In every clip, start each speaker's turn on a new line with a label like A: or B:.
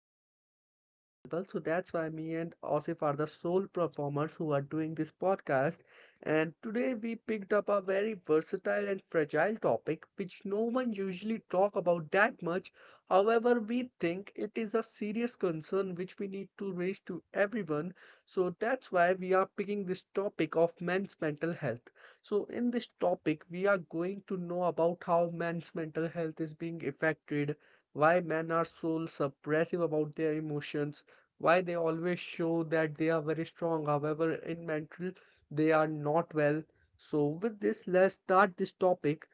A: teammates are not available. So, that's why me and Osif are the sole performers who are doing this podcast. And today we picked up a very versatile and fragile topic which no one usually talk about that much. However, we think it is a serious concern which we need to raise to everyone. So, that's why we are picking this topic of men's mental health. So, in this topic, we are going to know about how men's mental health is being affected, why men are so suppressive about their emotions, why they always show that they are very strong, however, in mental, they are not well. So, with this, let's start this topic.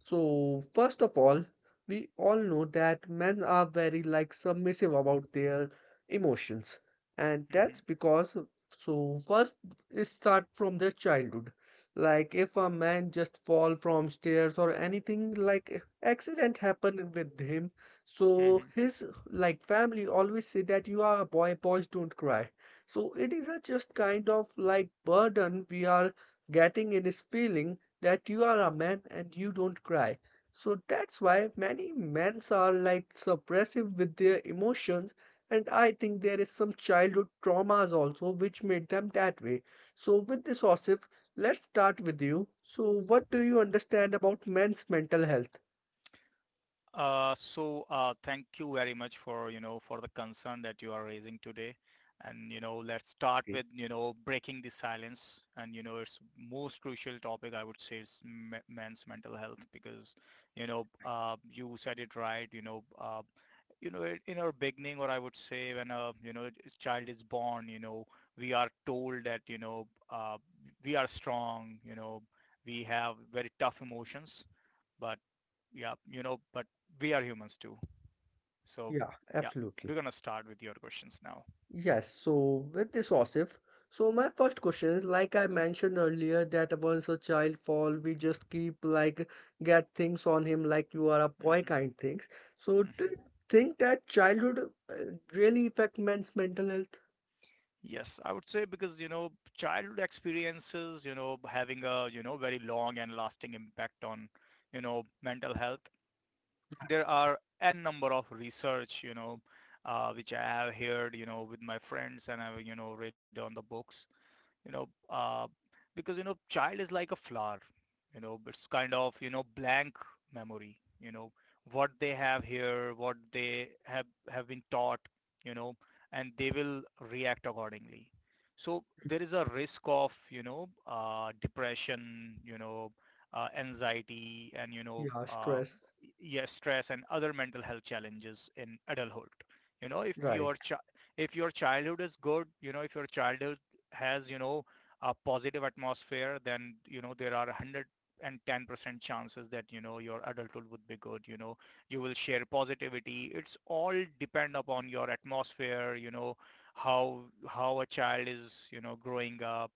A: So, first of all, we all know that men are very like submissive about their emotions, and
B: Mhm,
A: that's because so first it start from their childhood. Like if a man just fall from stairs or anything like accident happen with him, so
B: mhm.
A: his like family always say that you are a boy, boys don't cry. So it is a just kind of like burden we are getting in his feeling that you are a man and you don't cry. So that's why many men are like suppressive with their emotions, and I think there is some childhood traumas also which made them that way. So with this Osif, let's start with you. So what do you understand about men's mental health?
B: So, thank you very much for the concern that you are raising today, and let's start
A: Okay.
B: with breaking the silence, and it's most crucial topic I would say is men's mental health, because you said it right. In our beginning, or I would say, when a child is born, we are told that we are strong, we have very tough emotions. But yeah, you know, but we are humans too. So,
A: Yeah,
B: yeah,
A: absolutely.
B: we're gonna start with your questions now.
A: Yes, so with this Osif, so my first question is like I mentioned earlier that once a child fall, we just keep like get things on him like you are a boy
B: Hmm.
A: kind things. So do you
B: Hmm.
A: think that childhood uh, really affect men's mental health?
B: Yes, I would say, because childhood experiences, having a very long and lasting impact on mental health. There are n number of research, which I have heard, with my friends, and I've read on the books. You know, uh, because, you know, child is like a flower, it's kind of, blank memory. What they have here, what they have been taught, you know, and they will react accordingly. So there is a risk of, depression, anxiety, and,
A: Yeah, stress,
B: yes, stress and other mental health challenges in adulthood. You know, if
A: right.
B: your chi- if your childhood is good, if your childhood has, a positive atmosphere, then, there are 110% chances that your adulthood would be good. You will share positivity. It's all depend upon your atmosphere. You know how how a child is growing up.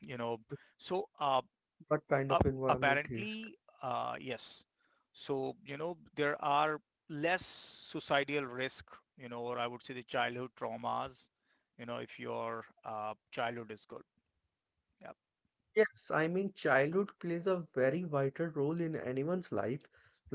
B: you know so uh,
A: What kind of
B: ap-
A: environment is?
B: apparently, yes. So there are less societal risk, or I would say the childhood traumas. If your childhood is good. Yeah.
A: Yes, I mean, childhood plays a very vital role in anyone's life.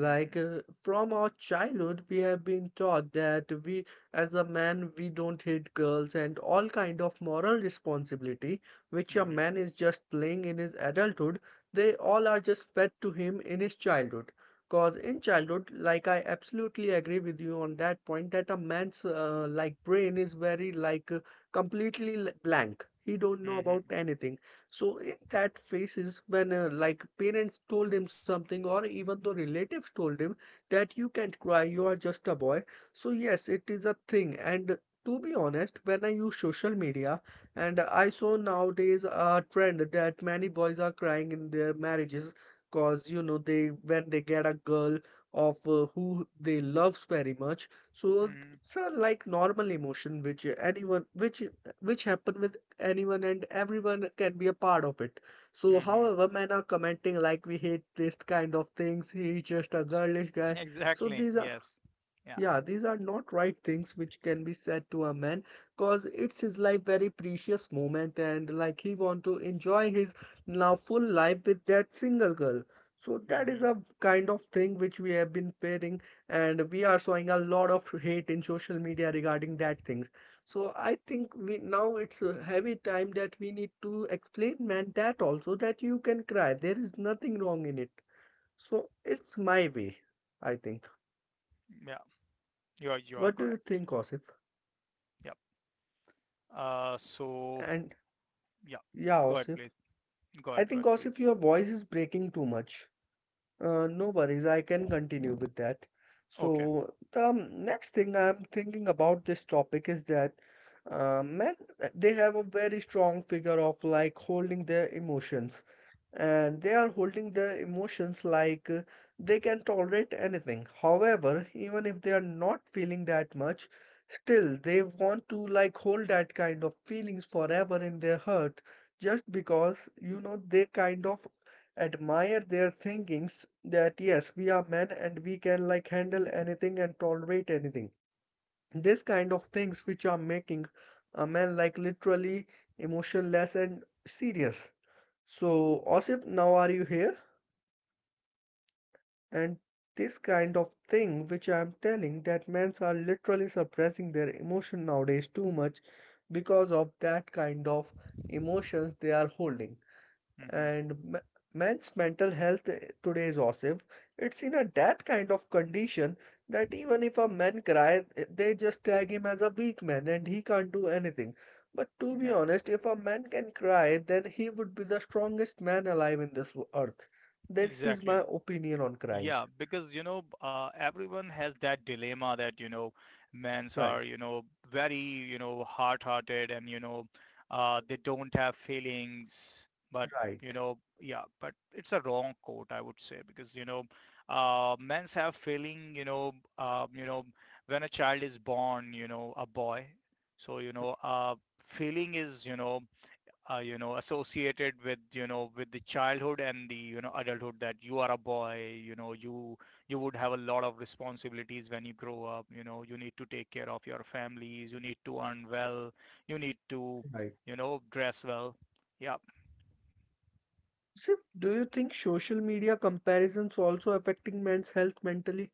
B: Hmm.
A: from our childhood, we have been taught that we, as a man, we don't hit girls and all kind of moral responsibility, which a
B: Hmm.
A: man is just playing in his adulthood, they all are just fed to him in his childhood. Cause in childhood, like I absolutely agree with you on that point that a man's like brain is very like completely blank. He don't know
B: Hmm.
A: about anything so in that phases when like parents told him something or even though relatives told him that you can't cry, you are just a boy. So yes, it is a thing. And to be honest, when I use social media and I saw nowadays a trend that many boys are crying in their marriages because you know they when they get a girl of who they loves very much so
B: Hmm.
A: it's a like normal emotion which anyone which happen with anyone and everyone can be a part of it. So,
B: Hmm.
A: however, men are commenting like we hate this kind of things, he's just a girlish guy. So,
B: Exactly.
A: these are
B: Yes. Yeah.
A: yeah, these are not right things which can be said to a man because it's his life very precious moment and like he want to enjoy his now full life with that single girl. So that is
B: Hmm.
A: a kind of thing which we have been fearing and we are showing a lot of hate in social media regarding that things. So I think we now it's a heavy time that we need to explain man that also that you can cry. There is nothing wrong in it. So it's my way, I think. What do you think, Osif? And yeah, Osif, I think Osif, your voice is breaking too much. No worries, I can continue with that. So the next thing I'm thinking about this topic is that men they have a very strong figure of like holding their emotions and they are holding their emotions like they can tolerate anything. However, even if they are not feeling that much, still they want to like hold that kind of feelings forever in their heart just because you know they kind of admire their thinkings that yes, we are men and we can like handle anything and tolerate anything. This kind of things which are making a man like literally emotionless and serious so, Osip, now are you here? And this kind of thing which I'm telling that men are literally suppressing their emotion nowadays too much because of that kind of emotions they are holding and man's mental health today is awesome. It's in a that kind of condition that even if a man cries, they just tag him as a weak man and he can't do anything. But to be honest, if a man can cry, then he would be the strongest man alive in this earth. This is my opinion on crying. Right, right, right. Sir, do you think social media comparisons also affecting men's health mentally?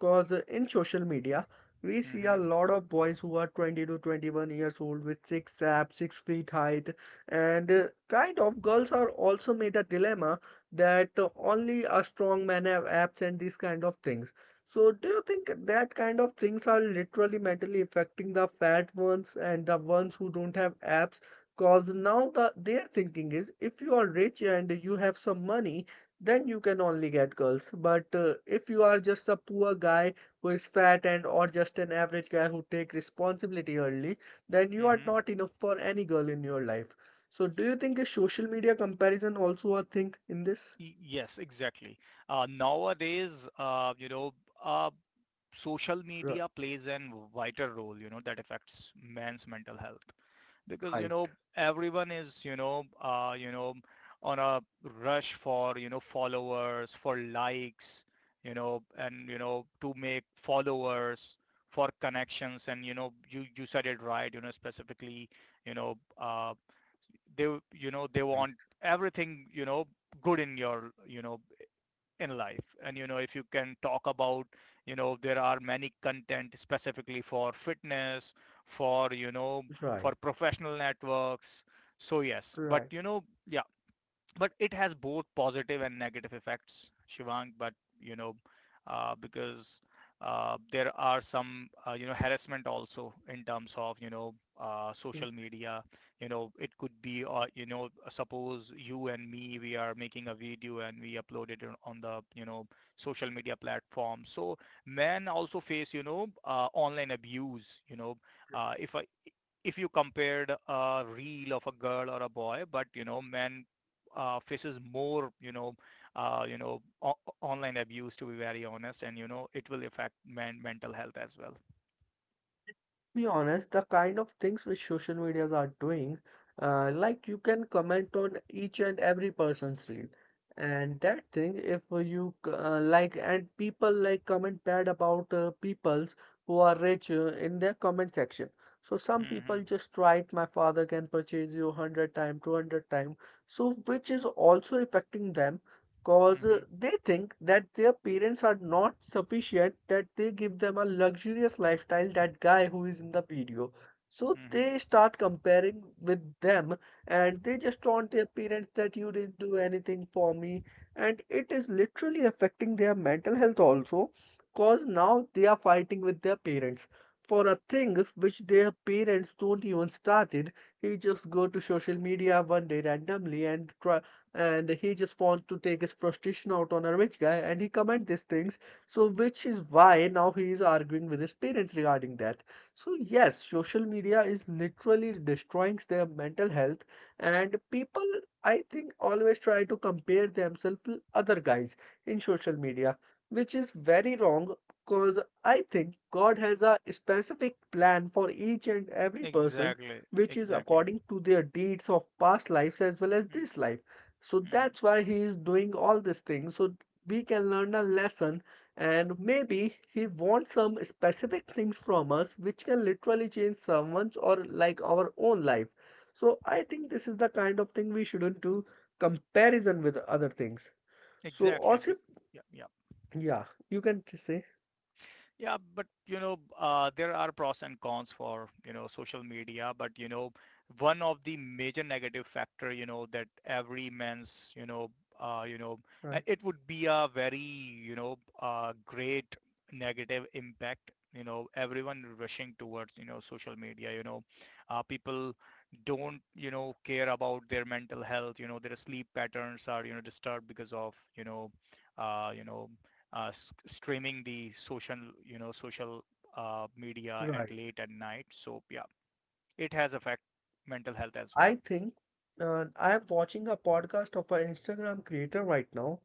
A: Because in social media, we see a lot of boys who are 20 to 21 years old with six abs, 6 feet height, and kind of girls are also made a dilemma that only a strong man have abs and these kind of things. So, do you think that kind of things are literally mentally affecting the fat ones and the ones who don't have abs? Cause now the their thinking is if you are rich and you have some money, then you can only get girls. But if you are just a poor guy who is fat and or just an average guy who take responsibility early, then you are not enough for any girl in your life. So do you think a social media comparison also a thing in this? Ri- Right, right. Right, right. Be honest, the kind of things which social medias are doing, like you can comment on each and every person's reel, and that thing if like, and people like comment bad about peoples who are rich in their comment section. So some people just write, "My father can purchase you 100 time, 200 time," so which is also affecting them cause they think that their parents are not sufficient that they give them a luxurious lifestyle that guy who is in the video so they start comparing with them and they just taunt their parents that you didn't do anything for me and it is literally affecting their mental health also cause now they are fighting with their parents for a thing which their parents don't even started. He just go to social media one day randomly and try and he just wants to take his frustration out on a rich guy and he comment these things so which is why now he is arguing with his parents regarding that. So yes, social media is literally destroying their mental health and people, I think, always try to compare themselves with other guys in social media which is very wrong because I think God has a specific plan for each and every person which is according to their deeds of past lives as well as this life so that's why he is doing all these things. So we can learn a lesson, and maybe he wants some specific things from us which can literally change someone's or like our own life. So I think this is the kind of thing we shouldn't do comparison with other things. So, Osif, yeah, you can just say, right, right. I think I am watching a podcast of an Instagram creator right now.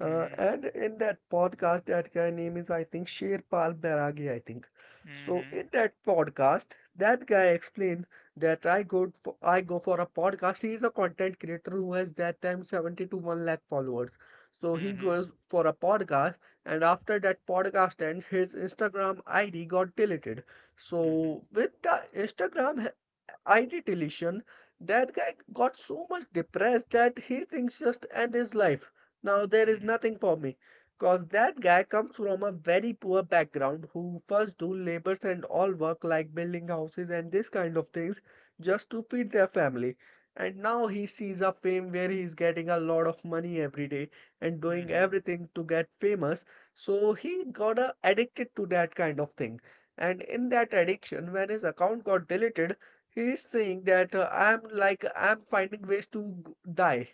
A: And in that podcast, that guy name is, I think, Sherpal Bairagi, I think. So in that podcast, that guy explained that I go for a podcast. He is a content creator who has that time 70 to 1 lakh followers. So he goes for a podcast, and after that podcast end, his Instagram ID got deleted. So with the Instagram ID deletion, that guy got so much depressed that he thinks just end his life. Now there is nothing for me. Cause that guy comes from a very poor background who first do labors and all work like building houses and this kind of things just to feed their family. And now he sees a fame where he's getting a lot of money every day and doing everything to get famous. So he got addicted to that kind of thing and in that addiction when his account got deleted he's saying that I'm finding ways to die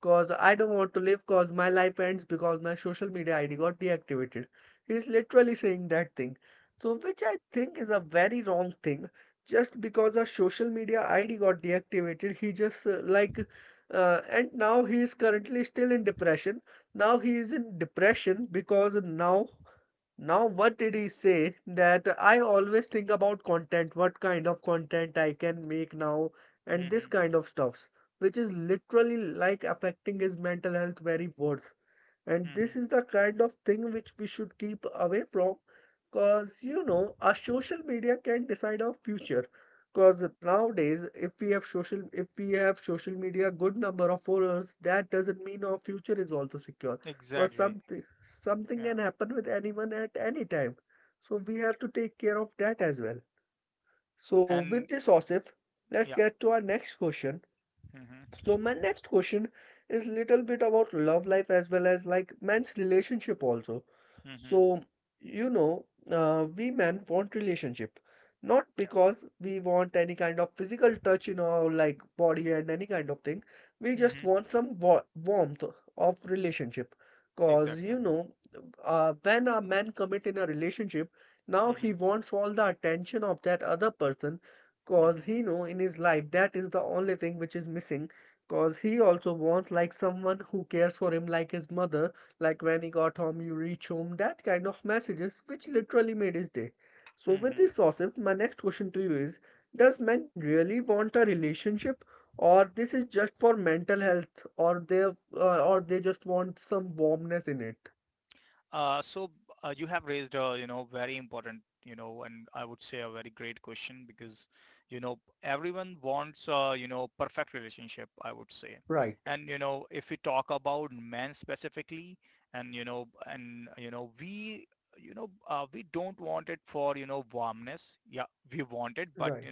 A: because I don't want to live because my life ends because my social media ID got deactivated. He's literally saying that thing. So which I think is a very wrong thing. Just because a social media ID got deactivated, he just like and now he is currently still in depression. Now he is in depression because what did he say? That I always think about content, what kind of content I can make now, and this kind of stuffs, which is literally like affecting his mental health very worse. And this is the kind of thing which we should keep away from because you know our social media can decide our future. Because nowadays, if we have social media good number of followers, that doesn't mean our future is also secure. Because something can happen with anyone at any time. So we have to take care of that as well. So with this Osif, let's get to our next question. So my next question is little bit about love life as well as like men's relationship also. So you know, we men want relationship not because we want any kind of physical touch in our like body and any kind of thing. We just want some warmth of relationship. Cause you know, when a man commit in a relationship, now he wants all the attention of that other person. Cause he know in his life that is the only thing which is missing. Cause he also wants like someone who cares for him like his mother, like when he got home, you reach home, that kind of messages which literally made his day. So with this Osif, my next question to you is, does men really want a relationship or this is just for mental health or they just want some warmness in it? Right, right.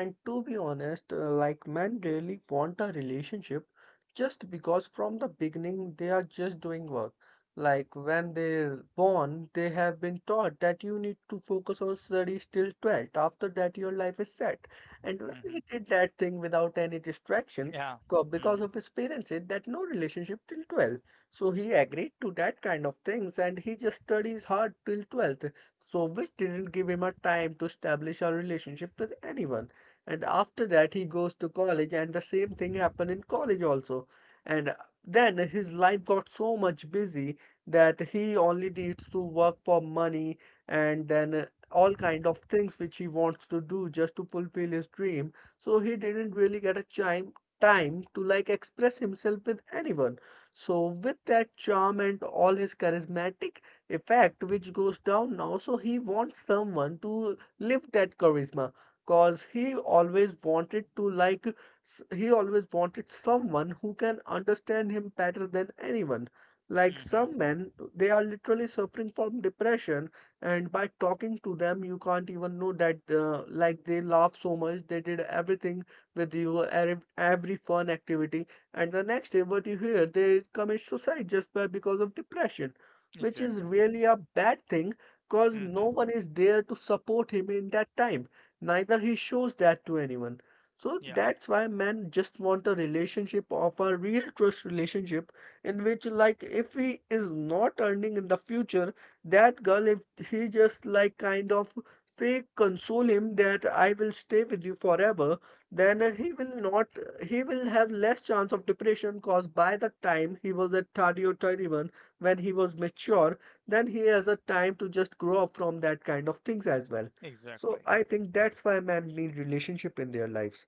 A: And to be honest, like men really want a relationship just because from the beginning they are just doing work. Like when they're born, they have been taught that you need to focus on studies till 12th. After that, your life is set. And when he did that thing without any distraction, because of his parents said that no relationship till 12. So he agreed to that kind of things and he just studies hard till 12th. So which didn't give him a time to establish a relationship with anyone, and after that he goes to college and the same thing happened in college also, and then his life got so much busy that he only needs to work for money, and then all kind of things which he wants to do just to fulfill his dream, so he didn't really get a time to like express himself with anyone. So with that charm and all his charismatic effect which goes down now, so he wants someone to live that charisma. Cause he always wanted to he always wanted someone who can understand him better than anyone. Like some men, they are literally suffering from depression, and by talking to them you can't even know that. Like they laugh so much, they did everything with you, every fun activity, and the next day what you hear, they commit suicide just by because of depression, which is really a bad thing, because no one is there to support him in that time, neither he shows that to anyone. So that's why men just want a relationship of a real trust relationship, in which like if he is not earning in the future, that girl if he just like kind of fake console him that I will stay with you forever, then he will not he will have less chance of depression, cause by the time he was at 30 or 31, when he was mature, then he has a time to just grow up from that kind of things as well. So I think that's why men need relationship in their lives.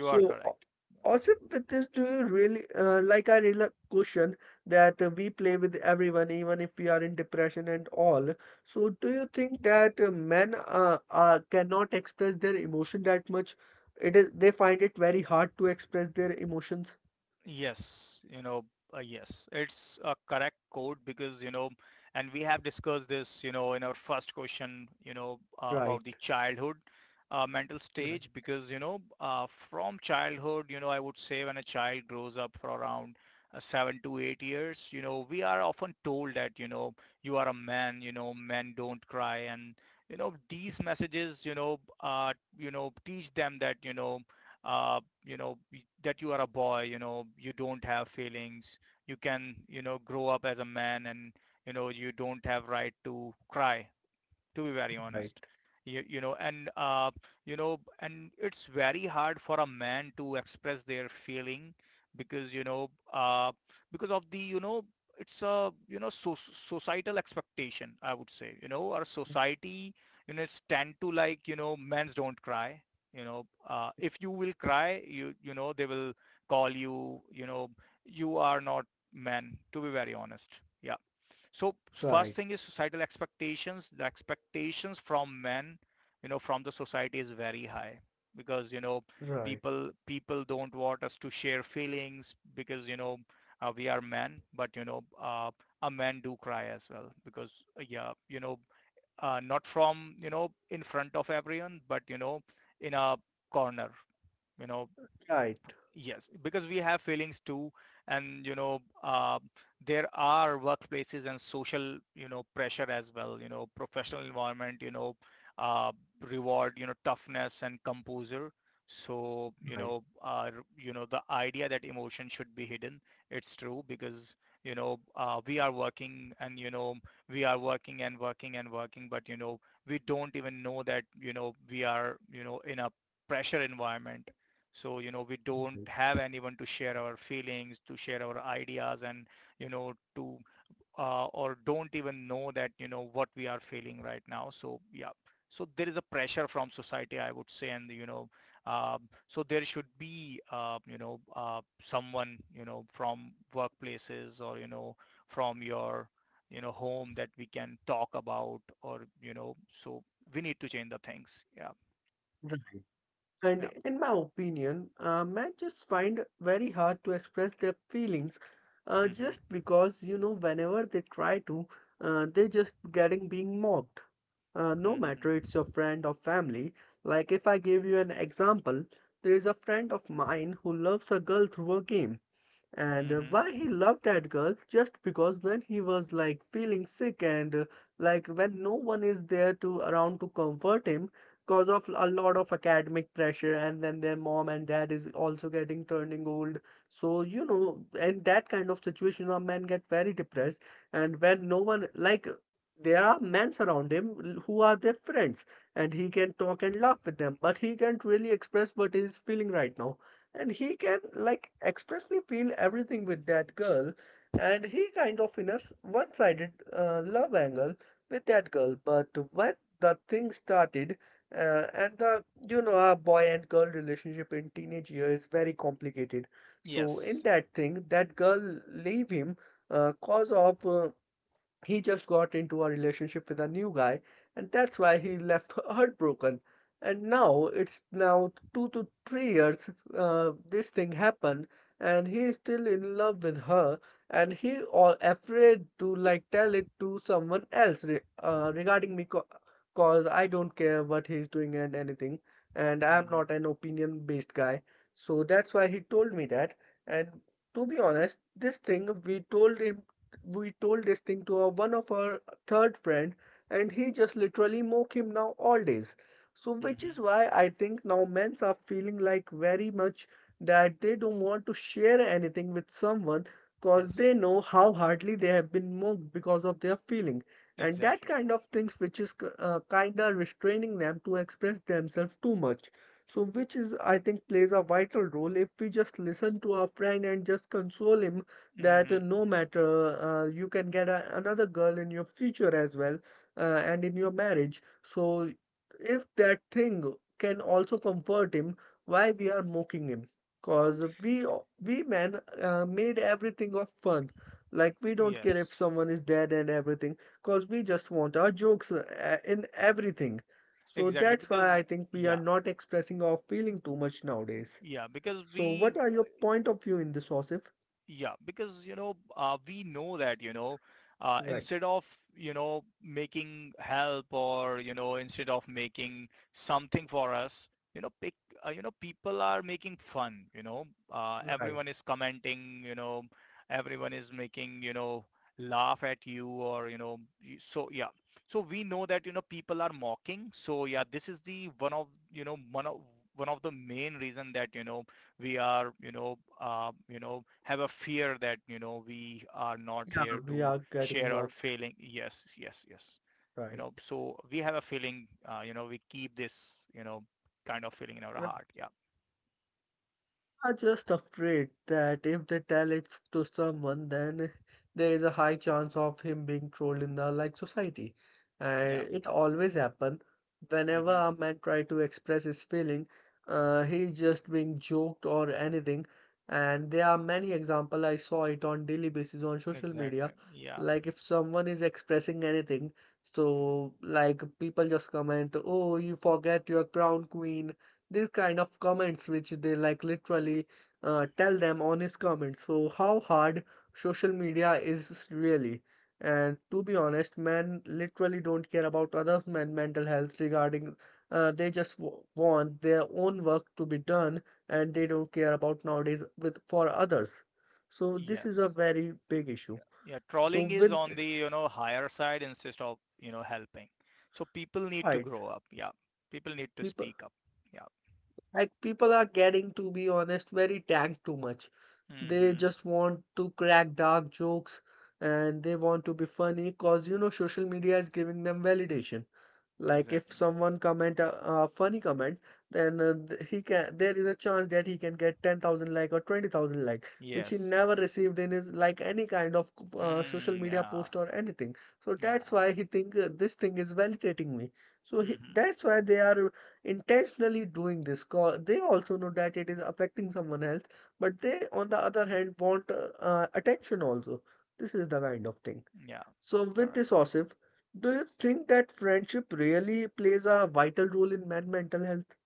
A: So also with this, do you really like I really like question that we play with everyone, even if we are in depression and all. So do you think that men cannot express their emotion that much? It is they find it very hard to express their emotions. Right, right, right, right, right, right, right, right. And in my opinion, men just find very hard to express their feelings, just because you know whenever they try to, they just getting being mocked. No matter it's your friend or family. Like if I give you an example, there is a friend of mine who loves a girl through a game. And why he loved that girl just because when he was like feeling sick, and like when no one is there to around to comfort him because of a lot of academic pressure, and then their mom and dad is also getting turning old. So you know, in that kind of situation, a man get very depressed, and when no one like there are men around him who are their friends and he can talk and laugh with them, but he can't really express what he's feeling right now, and he can like expressly feel everything with that girl, and he kind of in a one-sided love angle with that girl. But when the thing started, and the you know a boy and girl relationship in teenage year is very complicated, so in that thing that girl leave him, cause of he just got into a relationship with a new guy, and that's why he left heartbroken. And now it's now two to three years this thing happened, and he is still in love with her, and he all afraid to like tell it to someone else re regarding me, cause I don't care what he's doing and anything, and I'm not an opinion-based guy. So that's why he told me that. And to be honest, this thing we told him we told this thing to our, one of our third friend, and he just literally mock him now all days. So which is why I think now men's are feeling like very much that they don't want to share anything with someone, because they know how hardly they have been mocked because of their feeling and that kind of things, which is kind of restraining them to express themselves too much. So which is I think plays a vital role if we just listen to our friend and just console him that no matter you can get a, another girl in your future as well, and in your marriage. So if that thing can also comfort him, why we are mocking him? Cause we we men made everything of fun, like we don't care if someone is dead and everything, cause we just want our jokes in everything. So that's why I think we are not expressing our feeling too much nowadays. So what are your point of view in this, Osif? Right, right. Yeah, we are getting mocked, right? Right. Are just afraid that if they tell it to someone, then there is a high chance of him being trolled in the like society. And it always happen whenever a man try to express his feeling, he's just being joked or anything. And there are many example I saw it on daily basis on social media. Like if someone is expressing anything, so like people just comment, "Oh, you forget your crown queen." These kind of comments which they like literally tell them honest comments, so how hard social media is really. And to be honest, men literally don't care about other men mental health regarding they just want their own work to be done, and they don't care about nowadays with for others. So this is a very big issue. So with fight people. Like people are getting, to be honest, very tanked too much. They just want to crack dark jokes and they want to be funny because you know social media is giving them validation. Like if someone comment a funny comment, then he can. There is a chance that he can get 10,000 like or 20,000 like, which he never received in his like any kind of social media post or anything. So that's why he think this thing is validating me. So he, that's why they are intentionally doing this. 'Cause they also know that it is affecting someone else, but they on the other hand want attention also. This is the kind of thing. So, with this, Osif, do you think that friendship really plays a vital role in men mental health?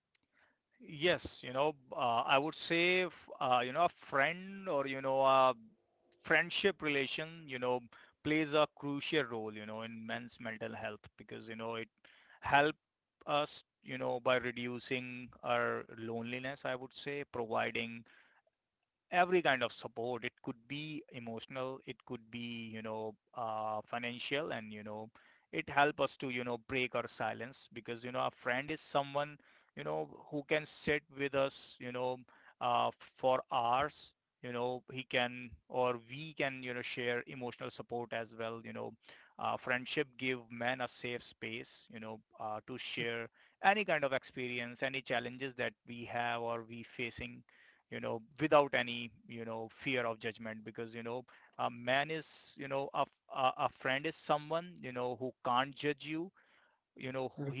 A: Mm.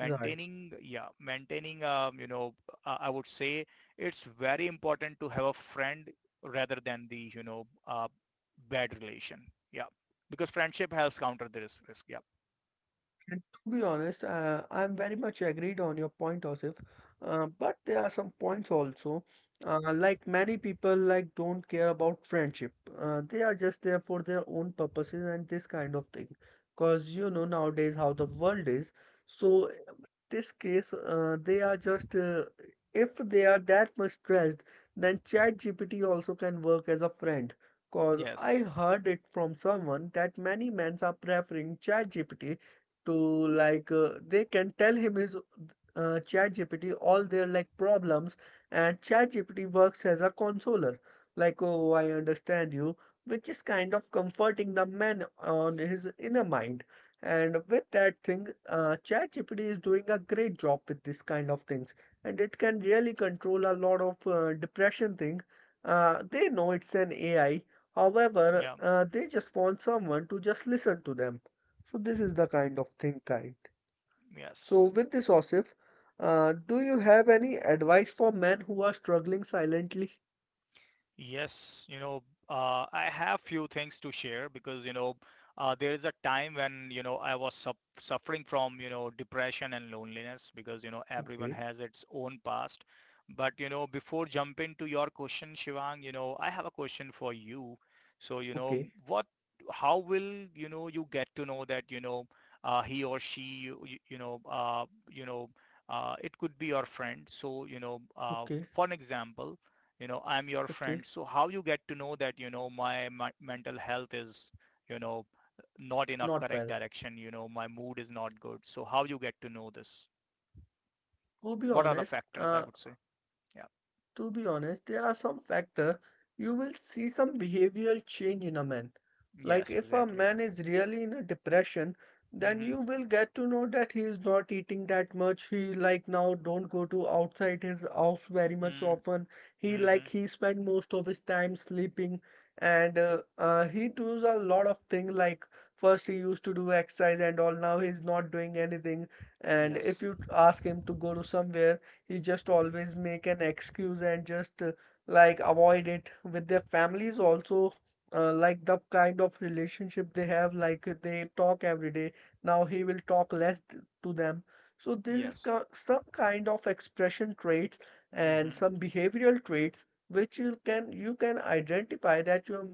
A: Right. And to be honest, I'm very much agreed on your point, Osif. But there are some points also. Like many people, like don't care about friendship. They are just there for their own purposes and this kind of thing. Because you know nowadays how the world is. So in this case, they are just if they are that much stressed, then ChatGPT also can work as a friend. Cause I heard it from someone that many men are preferring ChatGPT to like they can tell him his ChatGPT all their like problems, and ChatGPT works as a consoler like, oh, I understand you, which is kind of comforting the man on his inner mind. And with that thing, ChatGPT is doing a great job with this kind of things, and it can really control a lot of depression thing. They know it's an AI, however they just want someone to just listen to them. So this is the kind of thing, kind. So with this, Osif, do you have any advice for men who are struggling silently? Okay, okay, okay, okay. Not well. To be honest, there are some factor, you will see some behavioral change in a man. Like if a man is really in a depression, then you will get to know that he is not eating that much. He like now don't go to outside his house very much often. He spend most of his time sleeping, and he does a lot of thing like first he used to do exercise and all, now he's not doing anything. And if you ask him to go to somewhere, he just always make an excuse and just like avoid it with their families also. Like the kind of relationship they have, like they talk every day, now he will talk less to them. So this is some kind of expression traits and some behavioral traits which you can identify that your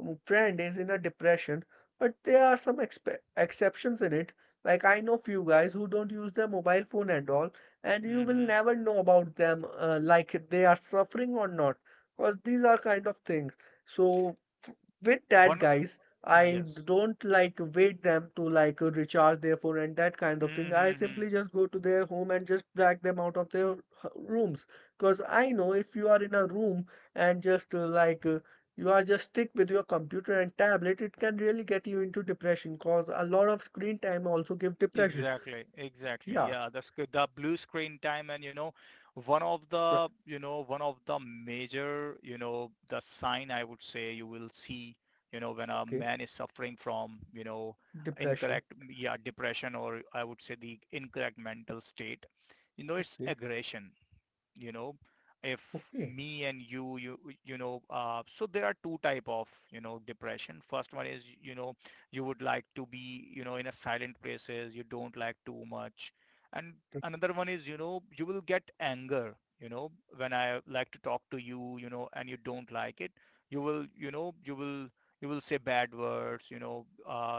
A: friend is in a depression. But there are some exceptions in it, like I know few guys who don't use their mobile phone at all, and you will never know about them, like they are suffering or not, because these are kind of things. So with that guys, I don't like wait them to like recharge their phone and that kind of thing, I simply just go to their home and just drag them out of their rooms. Because I know if you are in a room and just you are just stick with your computer and tablet, it can really get you into depression, because a lot of screen time also give depression. Yeah. r- okay. Depression. Okay, okay.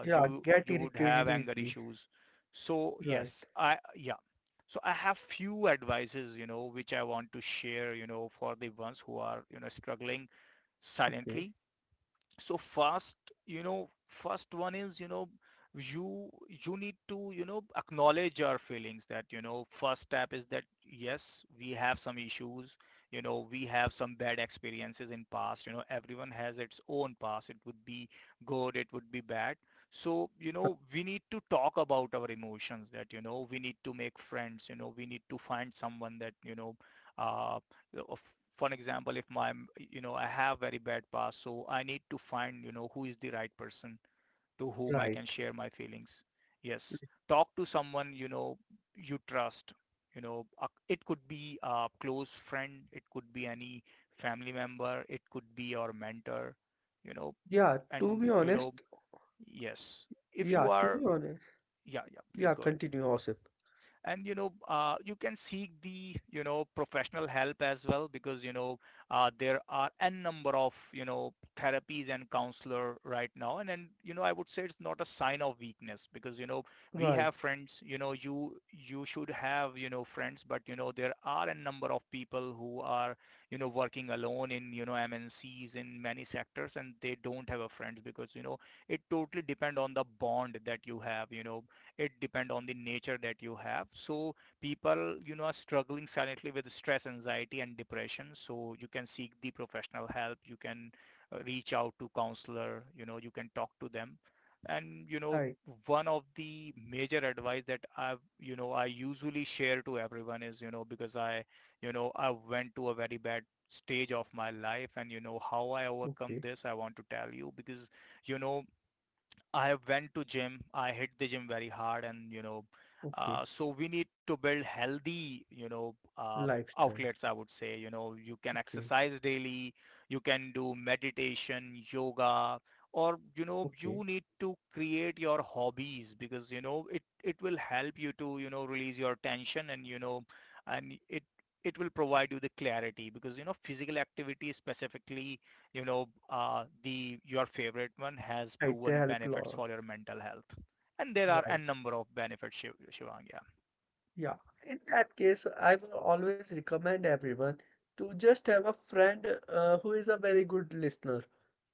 A: Yeah, get irritated easily. Right. Okay. Right. Yeah, to be honest, yeah, to be honest, yeah, continue, Osif. Right, right. Okay, okay. Lifestyle. Okay, okay. Right, they help a lot. Right. Yeah, in that case, I will always recommend everyone to just have a friend who is a very good listener,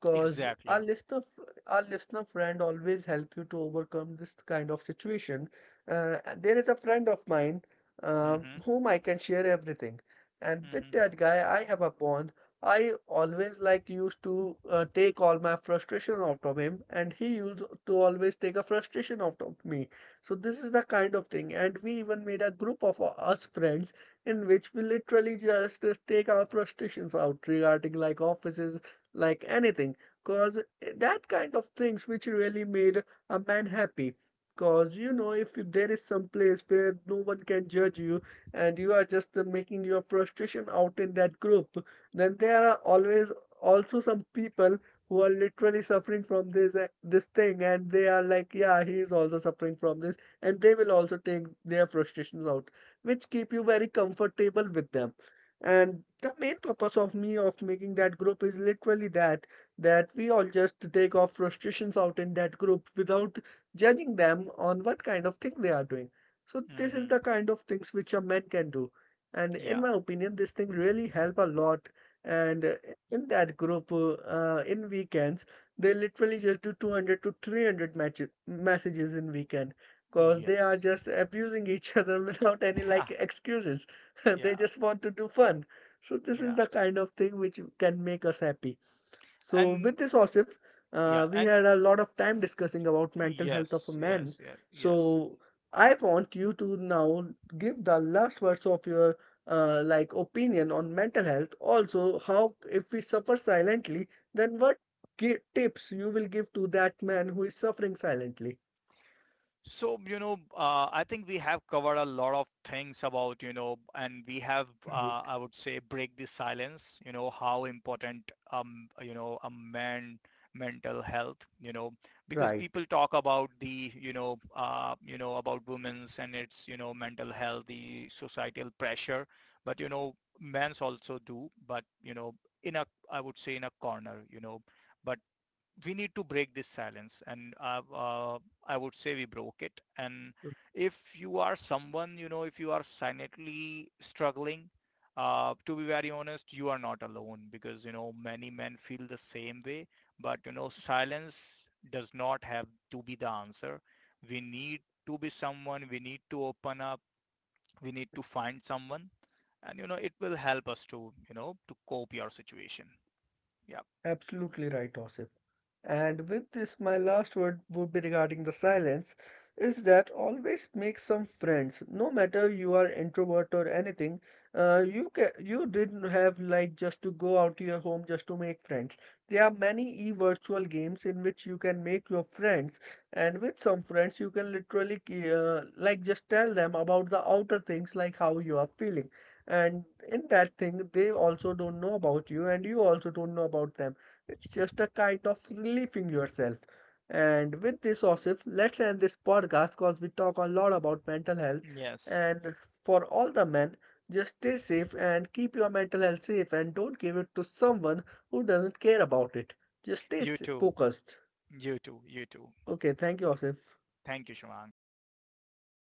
A: because our listener, our listener friend always help you to overcome this kind of situation. And there is a friend of mine whom I can share everything, and with that guy, I have a bond. I always like used to take all my frustration out of him, and he used to always take a frustration out of me. So this is the kind of thing, and we even made a group of us friends in which we literally just take our frustrations out regarding like offices, like anything, cause that kind of things which really made a man happy. Cause you know, if there is some place where no one can judge you and you are just making your frustration out in that group, then there are always also some people who are literally suffering from this this thing and they are like, yeah, he is also suffering from this, and they will also take their frustrations out, which keep you very comfortable with them. And the main purpose of me of making that group is literally that, that we all just take our frustrations out in that group without judging them on what kind of thing they are doing. So this is the kind of things which a man can do, and in my opinion this thing really help a lot. And in that group, in weekends they literally just do 200 to 300 matches messages in weekend, because they are just abusing each other without any like excuses. They just want to do fun. So this is the kind of thing which can make us happy. So, with this, Osif, we had a lot of time discussing about mental health of a man. So, I want you to now give the last words of your like opinion on mental health. Also, how if we suffer silently, then what tips you will give to that man who is suffering silently? Right. Right. Absolutely right, Osif. And with this, my last word would be regarding the silence is that always make some friends. No matter you are introvert or anything, you can, you didn't have like just to go out to your home just to make friends. There are many e-virtual games in which you can make your friends, and with some friends you can literally like just tell them about the outer things like how you are feeling. And in that thing, they also don't know about you, and you also don't know about them, it's just a kind of relieving yourself. And with this, Osif, let's end this podcast because we talk a lot about mental health. And for all the men, just stay safe and keep your mental health safe and don't give it to someone who doesn't care about it. Just stay focused. Okay, thank you, Osif.